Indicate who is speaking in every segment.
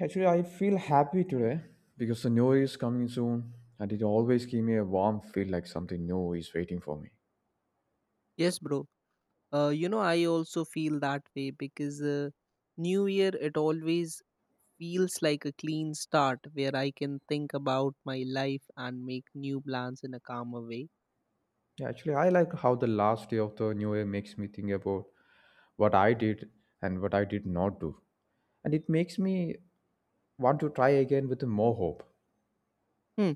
Speaker 1: Actually, I feel happy today because the new year is coming soon, and it always gives me a warm feel like something new is waiting for me.
Speaker 2: Yes, bro. You know, I also feel that way because New Year, it always feels like a clean start where I can think about my life and make new plans in a calmer way.
Speaker 1: Yeah, actually, I like how the last day of the new year makes me think about what I did and what I did not do. And it makes me want to try again with more hope.
Speaker 2: Hmm.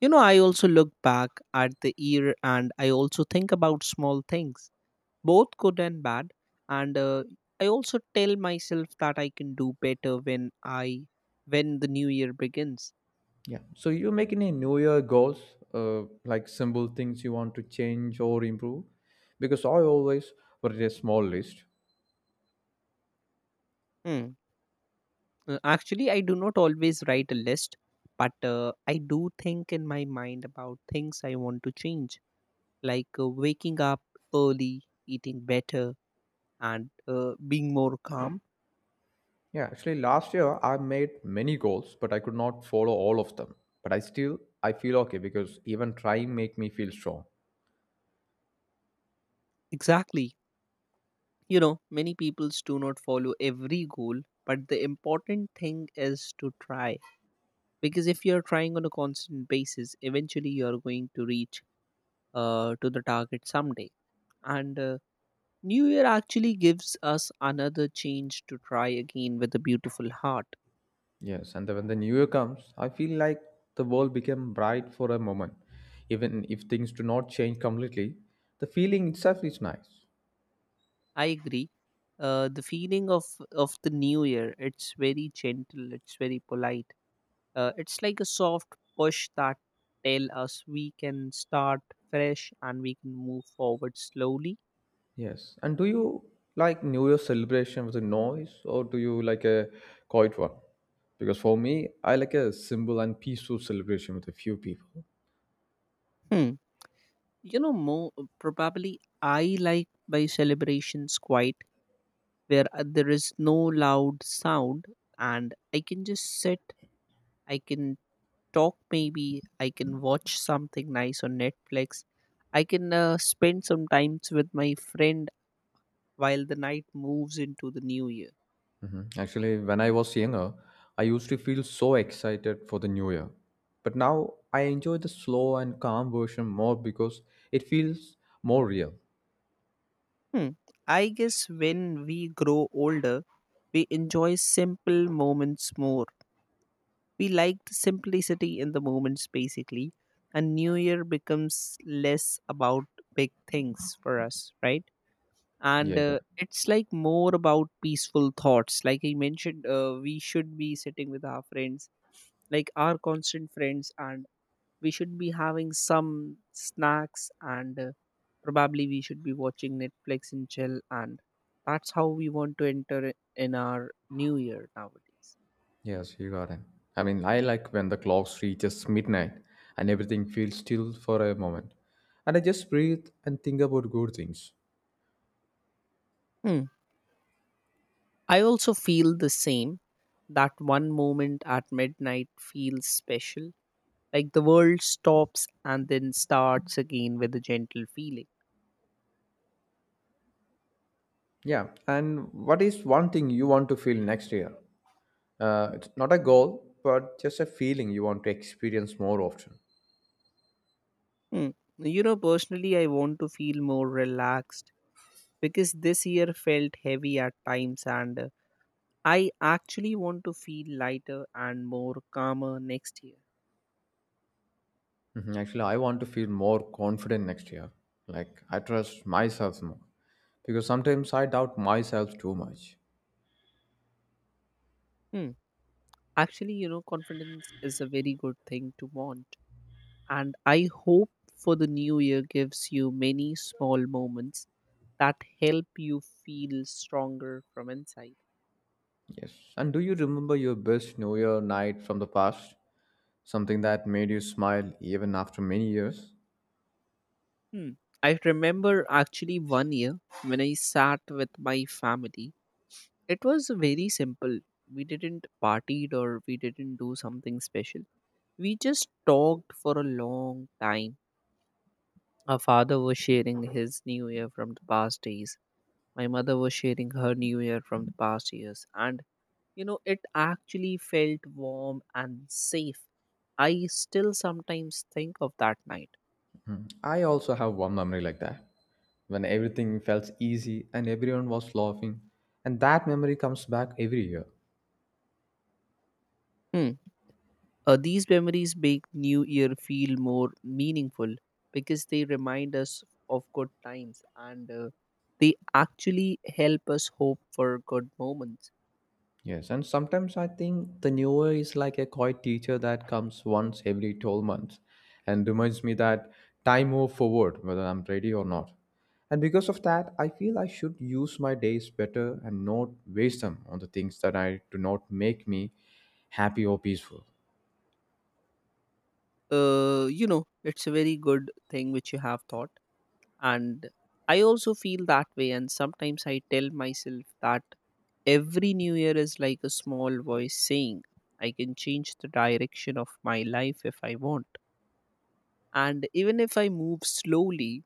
Speaker 2: You know, I also look back at the year and I also think about small things, both good and bad. And I also tell myself that I can do better when the new year begins.
Speaker 1: Yeah. So, you make any new year goals, like simple things you want to change or improve? Because I always put a small list.
Speaker 2: Hmm. Actually, I do not always write a list, but I do think in my mind about things I want to change, like waking up early, eating better, and being more calm.
Speaker 1: Yeah, actually last year I made many goals, but I could not follow all of them. But I still I feel okay because even trying make me feel strong.
Speaker 2: Exactly. You know, many people do not follow every goal, but the important thing is to try. Because if you're trying on a constant basis, eventually you're going to reach to the target someday. And New Year actually gives us another change to try again with a beautiful heart.
Speaker 1: Yes, and then when the new year comes, I feel like the world became bright for a moment. Even if things do not change completely, the feeling itself is nice.
Speaker 2: I agree. The feeling of the new year, it's very gentle, it's very polite. It's like a soft push that tell us we can start fresh and we can move forward slowly.
Speaker 1: Yes. And do you like New Year celebration with a noise or do you like a quiet one? Because for me, I like a simple and peaceful celebration with a few people.
Speaker 2: Hmm. You know, more probably I like my celebrations quite, where there is no loud sound and I can just sit. I can talk maybe. I can watch something nice on Netflix. I can spend some times with my friend while the night moves into the new year.
Speaker 1: Actually, when I was younger, I used to feel so excited for the new year. But now I enjoy the slow and calm version more because it feels more real.
Speaker 2: Hmm. I guess when we grow older we enjoy simple moments more. We like the simplicity in the moments basically, and new year becomes less about big things for us, right? and
Speaker 1: Yes, uh,
Speaker 2: uh, it's like more about peaceful thoughts like I mentioned. We should be sitting with our friends, like our constant friends, and we should be having some snacks, and probably we should be watching Netflix and chill. And that's how we want to enter in our new year nowadays.
Speaker 1: yes, you got it. I mean, I like when the clock reaches midnight and everything feels still for a moment. And I just breathe and think about good things.
Speaker 2: Hmm. I also feel the same, that one moment at midnight feels special, like the world stops and then starts again with a gentle feeling.
Speaker 1: Yeah, and what is one thing you want to feel next year? It's not a goal, but just a feeling you want to experience more often.
Speaker 2: Hmm. You know, personally, I want to feel more relaxed because this year felt heavy at times, and I actually want to feel lighter and more calmer next year.
Speaker 1: Mhm. Actually, I want to feel more confident next year. Like, I trust myself more. Because sometimes I doubt myself too much.
Speaker 2: Hmm. Actually, you know, confidence is a very good thing to want, and I hope for the new year gives you many small moments that help you feel stronger from inside.
Speaker 1: Yes. And do you remember your best New Year night from the past? Something that made you smile even after many years?
Speaker 2: Hmm. I remember actually one year when I sat with my family. It was very simple. We didn't partied or we didn't do something special. We just talked for a long time. Our father was sharing his new year from the past days. My mother was sharing her new year from the past years. And, you know, it actually felt warm and safe. I still sometimes think of that night.
Speaker 1: I also have one memory like that. When everything felt easy and everyone was laughing. And that memory comes back every year.
Speaker 2: Hmm. These memories make New Year feel more meaningful because they remind us of good times, and they actually help us hope for good moments.
Speaker 1: Yes, and sometimes I think the newer is like a quiet teacher that comes once every 12 months and reminds me that time move forward whether I'm ready or not. And because of that, I feel I should use my days better and not waste them on the things that I do not make me happy or peaceful.
Speaker 2: You know, it's a very good thing which you have thought. And I also feel that way. And sometimes I tell myself that every New Year is like a small voice saying, I can change the direction of my life if I want. And even if I move slowly,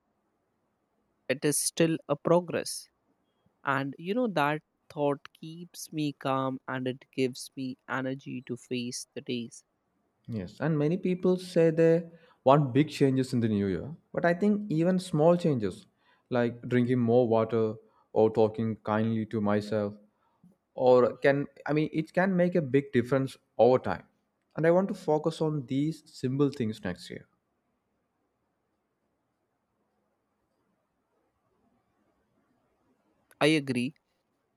Speaker 2: it is still a progress. And you know, that thought keeps me calm and it gives me energy to face the days.
Speaker 1: Yes, and many people say they want big changes in the new year, but I think even small changes like drinking more water or talking kindly to myself or can I mean it can make a big difference over time. And I want to focus on these simple things next year.
Speaker 2: I agree,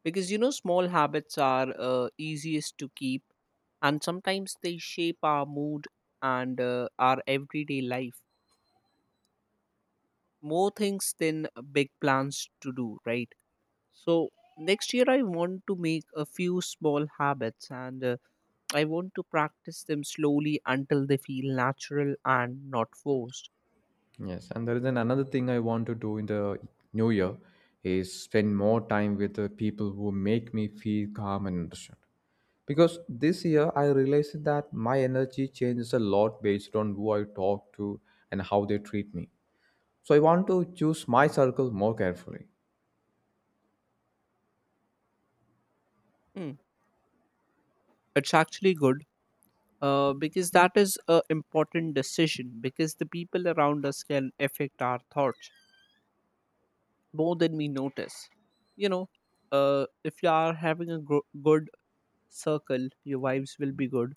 Speaker 2: because you know, small habits are easiest to keep, and sometimes they shape our mood and our everyday life more things than big plans to do, right? So, next year I want to make a few small habits, and I want to practice them slowly until they feel natural and not forced.
Speaker 1: Yes, and there is an another thing I want to do in the new year is spend more time with the people who make me feel calm and understood. Because this year I realized that my energy changes a lot based on who I talk to and how they treat me. So I want to choose my circle more carefully.
Speaker 2: Hmm. It's actually good, because that is a important decision, because the people around us can affect our thoughts more than we notice, you know. If you are having a good circle, your vibes will be good,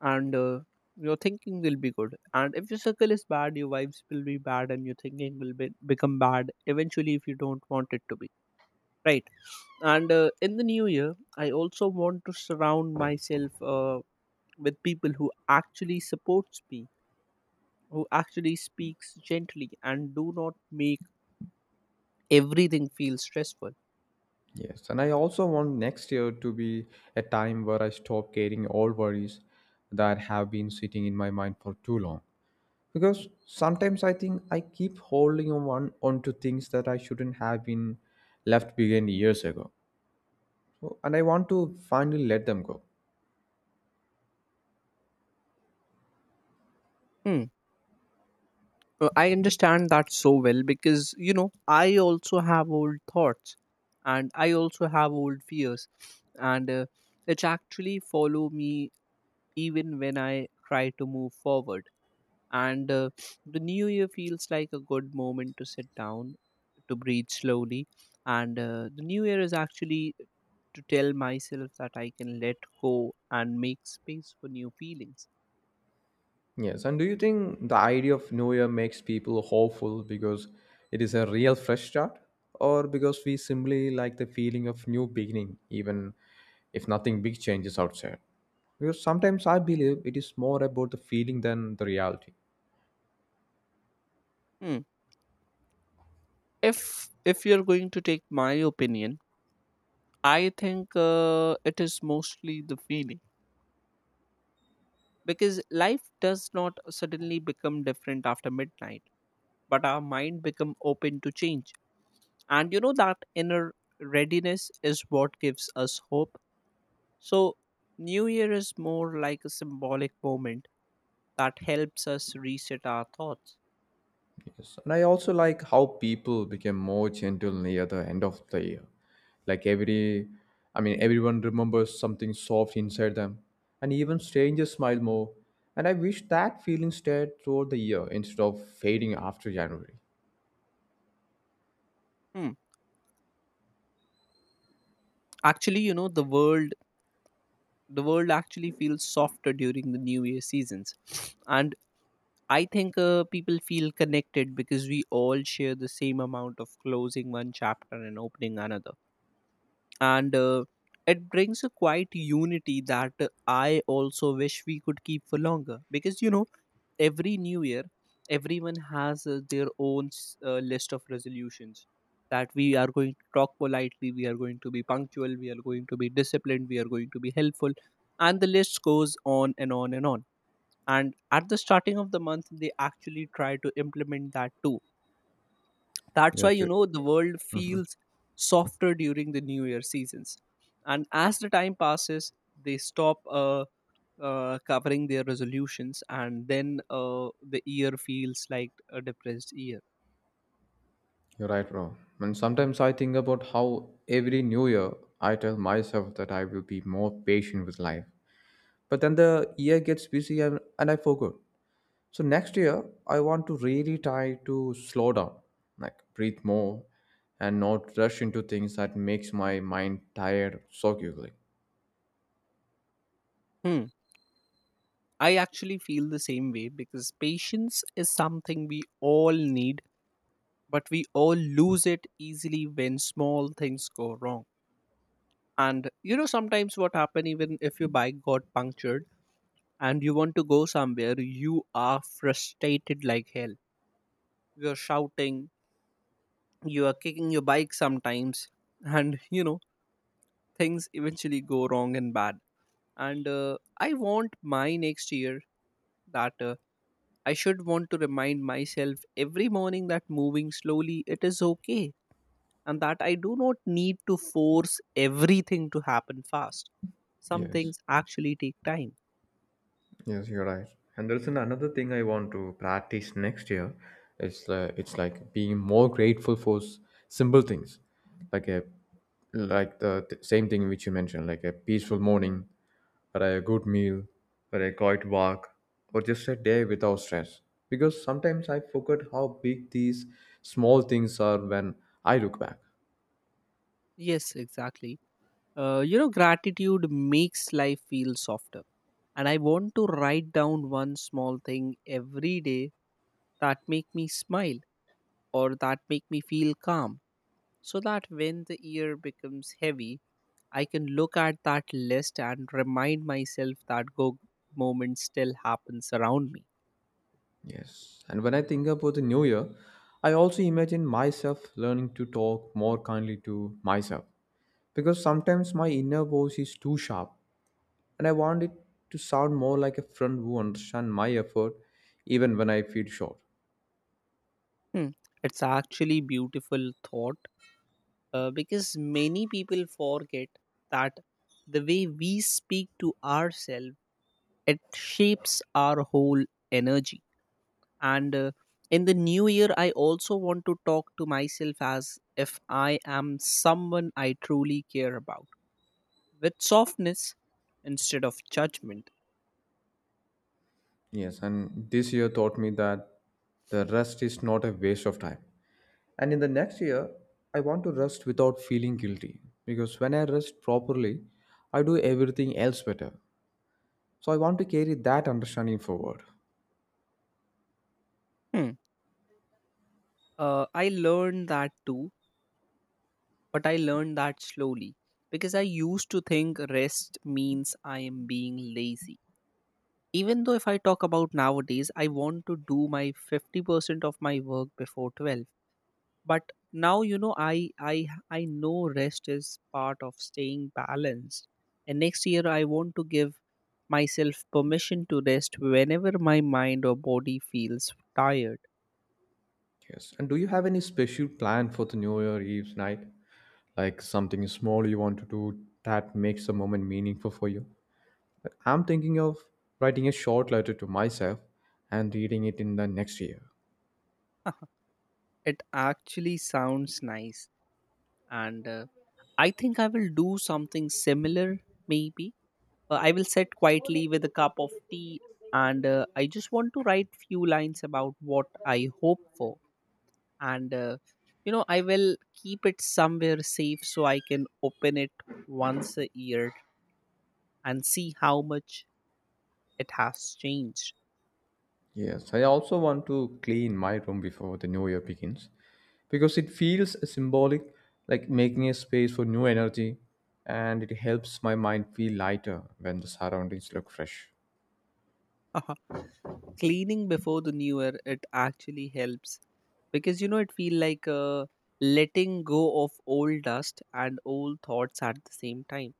Speaker 2: and your thinking will be good. And if your circle is bad, your vibes will be bad and your thinking will become bad eventually if you don't want it to be, right? And in the new year I also want to surround myself with people who actually supports me, who actually speaks gently and do not make everything feel stressful.
Speaker 1: Yes, and I also want next year to be a time where I stop carrying all worries that have been sitting in my mind for too long. Because sometimes I think I keep holding on one onto things that I shouldn't have been left behind years ago. So, and I want to finally let them go.
Speaker 2: Hmm. I understand that so well, because you know I also have old thoughts, and I also have old fears, and which actually follow me even when I try to move forward. And the new year feels like a good moment to sit down, to breathe slowly, and the new year is actually to tell myself that I can let go and make space for new feelings.
Speaker 1: Yes, and do you think the idea of New Year makes people hopeful because it is a real fresh start, or because we simply like the feeling of new beginning, even if nothing big changes outside? Because sometimes I believe it is more about the feeling than the reality.
Speaker 2: Hmm. If you're going to take my opinion, I think it is mostly the feeling, because life does not suddenly become different after midnight, but our mind become open to change, and you know that inner readiness is what gives us hope. So New Year is more like a symbolic moment that helps us reset our thoughts.
Speaker 1: Yes, and I also like how people became more gentle near the end of the year. Like every, I mean, everyone remembers something soft inside them, and even strangers smile more. And I wish that feeling stayed throughout the year instead of fading after January.
Speaker 2: Hmm. Actually, you know, the world actually feels softer during the new year seasons, and I think people feel connected because we all share the same amount of closing one chapter and opening another, and it brings a quiet unity that I also wish we could keep for longer, because you know every new year everyone has their own list of resolutions, that we are going to talk politely, we are going to be punctual, we are going to be disciplined, we are going to be helpful. And the list goes on and on and on. And at the starting of the month they actually try to implement that too. That's why
Speaker 1: Yes,
Speaker 2: you
Speaker 1: you-
Speaker 2: know the world feels softer during the new year seasons. And as the time passes they stop covering their resolutions, and then the year feels like a depressed year.
Speaker 1: you're right, bro. And sometimes I think about how every new year I tell myself that I will be more patient with life. But then the year gets busy and I forgot. So next year, I want to really try to slow down, like breathe more, and not rush into things that makes my mind tired so quickly.
Speaker 2: Hmm. I actually feel the same way, because patience is something we all need, but we all lose it easily when small things go wrong. And you know sometimes what happen, even if your bike got punctured and you want to go somewhere, you are frustrated like hell. You're shouting, you are kicking your bike sometimes. And you know things eventually go wrong and bad. And I want my next year that I should want to remind myself every morning that moving slowly it is okay, and that I do not need to force everything to happen fast. Some
Speaker 1: Yes.
Speaker 2: things actually take time.
Speaker 1: Yes, you're right. Another thing I want to practice next year. It's like being more grateful for simple things, like a same thing which you mentioned, like a peaceful morning, or a good meal, or a quiet walk, or just a day without stress. Because sometimes I forget how big these small things are when I look back.
Speaker 2: Yes, exactly. You know gratitude makes life feel softer, and I want to write down one small thing every day that make me smile or that make me feel calm, so that when the year becomes heavy I can look at that list and remind myself that good moments still happens around me.
Speaker 1: Yes, and when I think about the new year, I also imagine myself learning to talk more kindly to myself because sometimes my inner voice is too sharp and I want it to sound more like a friend who understands my effort even when I feel short.
Speaker 2: Hmm. It's actually beautiful thought, because many people forget that the way we speak to ourselves, it shapes our whole energy. And in the new year, I also want to talk to myself as if I am someone I truly care about, with softness instead of judgment.
Speaker 1: Yes, and this year taught me that the rest is not a waste of time. And in the next year, I want to rest without feeling guilty because when I rest properly, I do everything else better. So I want to carry that understanding forward.
Speaker 2: Hmm. I learned that too, but I learned that slowly because I used to think rest means I am being lazy. Even though, if I talk about nowadays, I want to do my 50% of my work before 12. But now, you know, I know rest is part of staying balanced. And next year, I want to give myself permission to rest whenever my mind or body feels tired.
Speaker 1: Yes. And do you have any special plan for the New Year Eve's night? Like something small you want to do that makes the moment meaningful for you? Like, I'm thinking of writing a short letter to myself and reading it in the next year.
Speaker 2: It actually sounds nice. And I think I will do something similar, maybe. I will sit quietly with a cup of tea, and I just want to write few lines about what I hope for. And, you know, I will keep it somewhere safe so I can open it once a year and see how much it has changed.
Speaker 1: Yes, I also want to clean my room before the new year begins because it feels symbolic, like making a space for new energy, and it helps my mind feel lighter when the surroundings look fresh.
Speaker 2: Cleaning before the new year, it actually helps because, you know, it feel like letting go of old dust and old thoughts at the same time.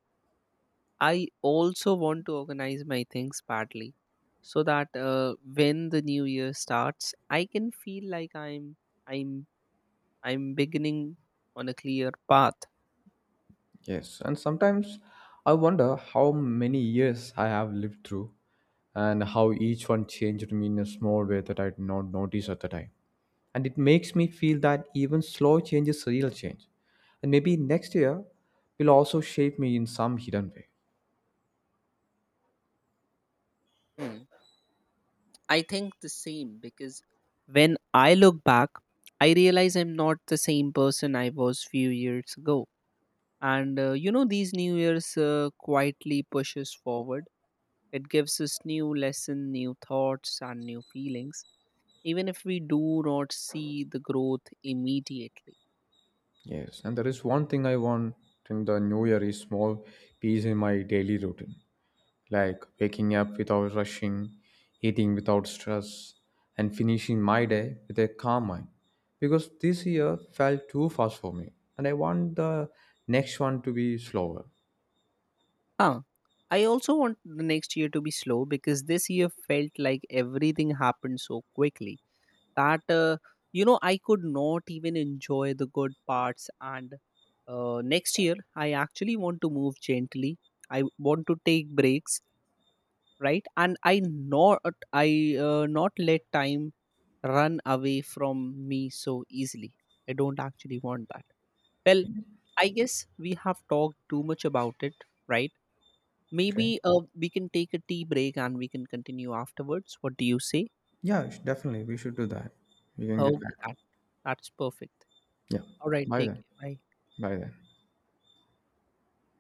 Speaker 2: I also want to organize my things partly, so that when the new year starts, I can feel like I'm I'm beginning on a clear path.
Speaker 1: Yes, and sometimes I wonder how many years I have lived through and how each one changed me in a small way that I did not notice at the time. And it makes me feel that even slow change is real change. And maybe next year will also shape me in some hidden way.
Speaker 2: Hmm. I think the same, because when I look back, I realize I'm not the same person I was few years ago. And you know, these new years quietly pushes forward. It gives us new lesson, new thoughts, and new feelings, even if we do not see the growth immediately.
Speaker 1: Yes, and there is one thing I want in the new year is small peace in my daily routine, like waking up without rushing, eating without stress, and finishing my day with a calm mind. Because this year felt too fast for me, and I want the next one to be slower.
Speaker 2: Huh. I also want the next year to be slow, because this year felt like everything happened so quickly that, you know, I could not even enjoy the good parts. And next year, I actually want to move gently. I want to take breaks, right? And I not let time run away from me so easily. I don't actually want that. Well, I guess we have talked too much about it, right?
Speaker 1: Okay.
Speaker 2: Maybe we can take a tea break and we can continue afterwards. What do you say?
Speaker 1: Definitely. We should do that. We can get back.
Speaker 2: Okay, that's perfect.
Speaker 1: Yeah.
Speaker 2: All right,
Speaker 1: Bye
Speaker 2: take
Speaker 1: then.
Speaker 2: care. Bye.
Speaker 1: Bye then.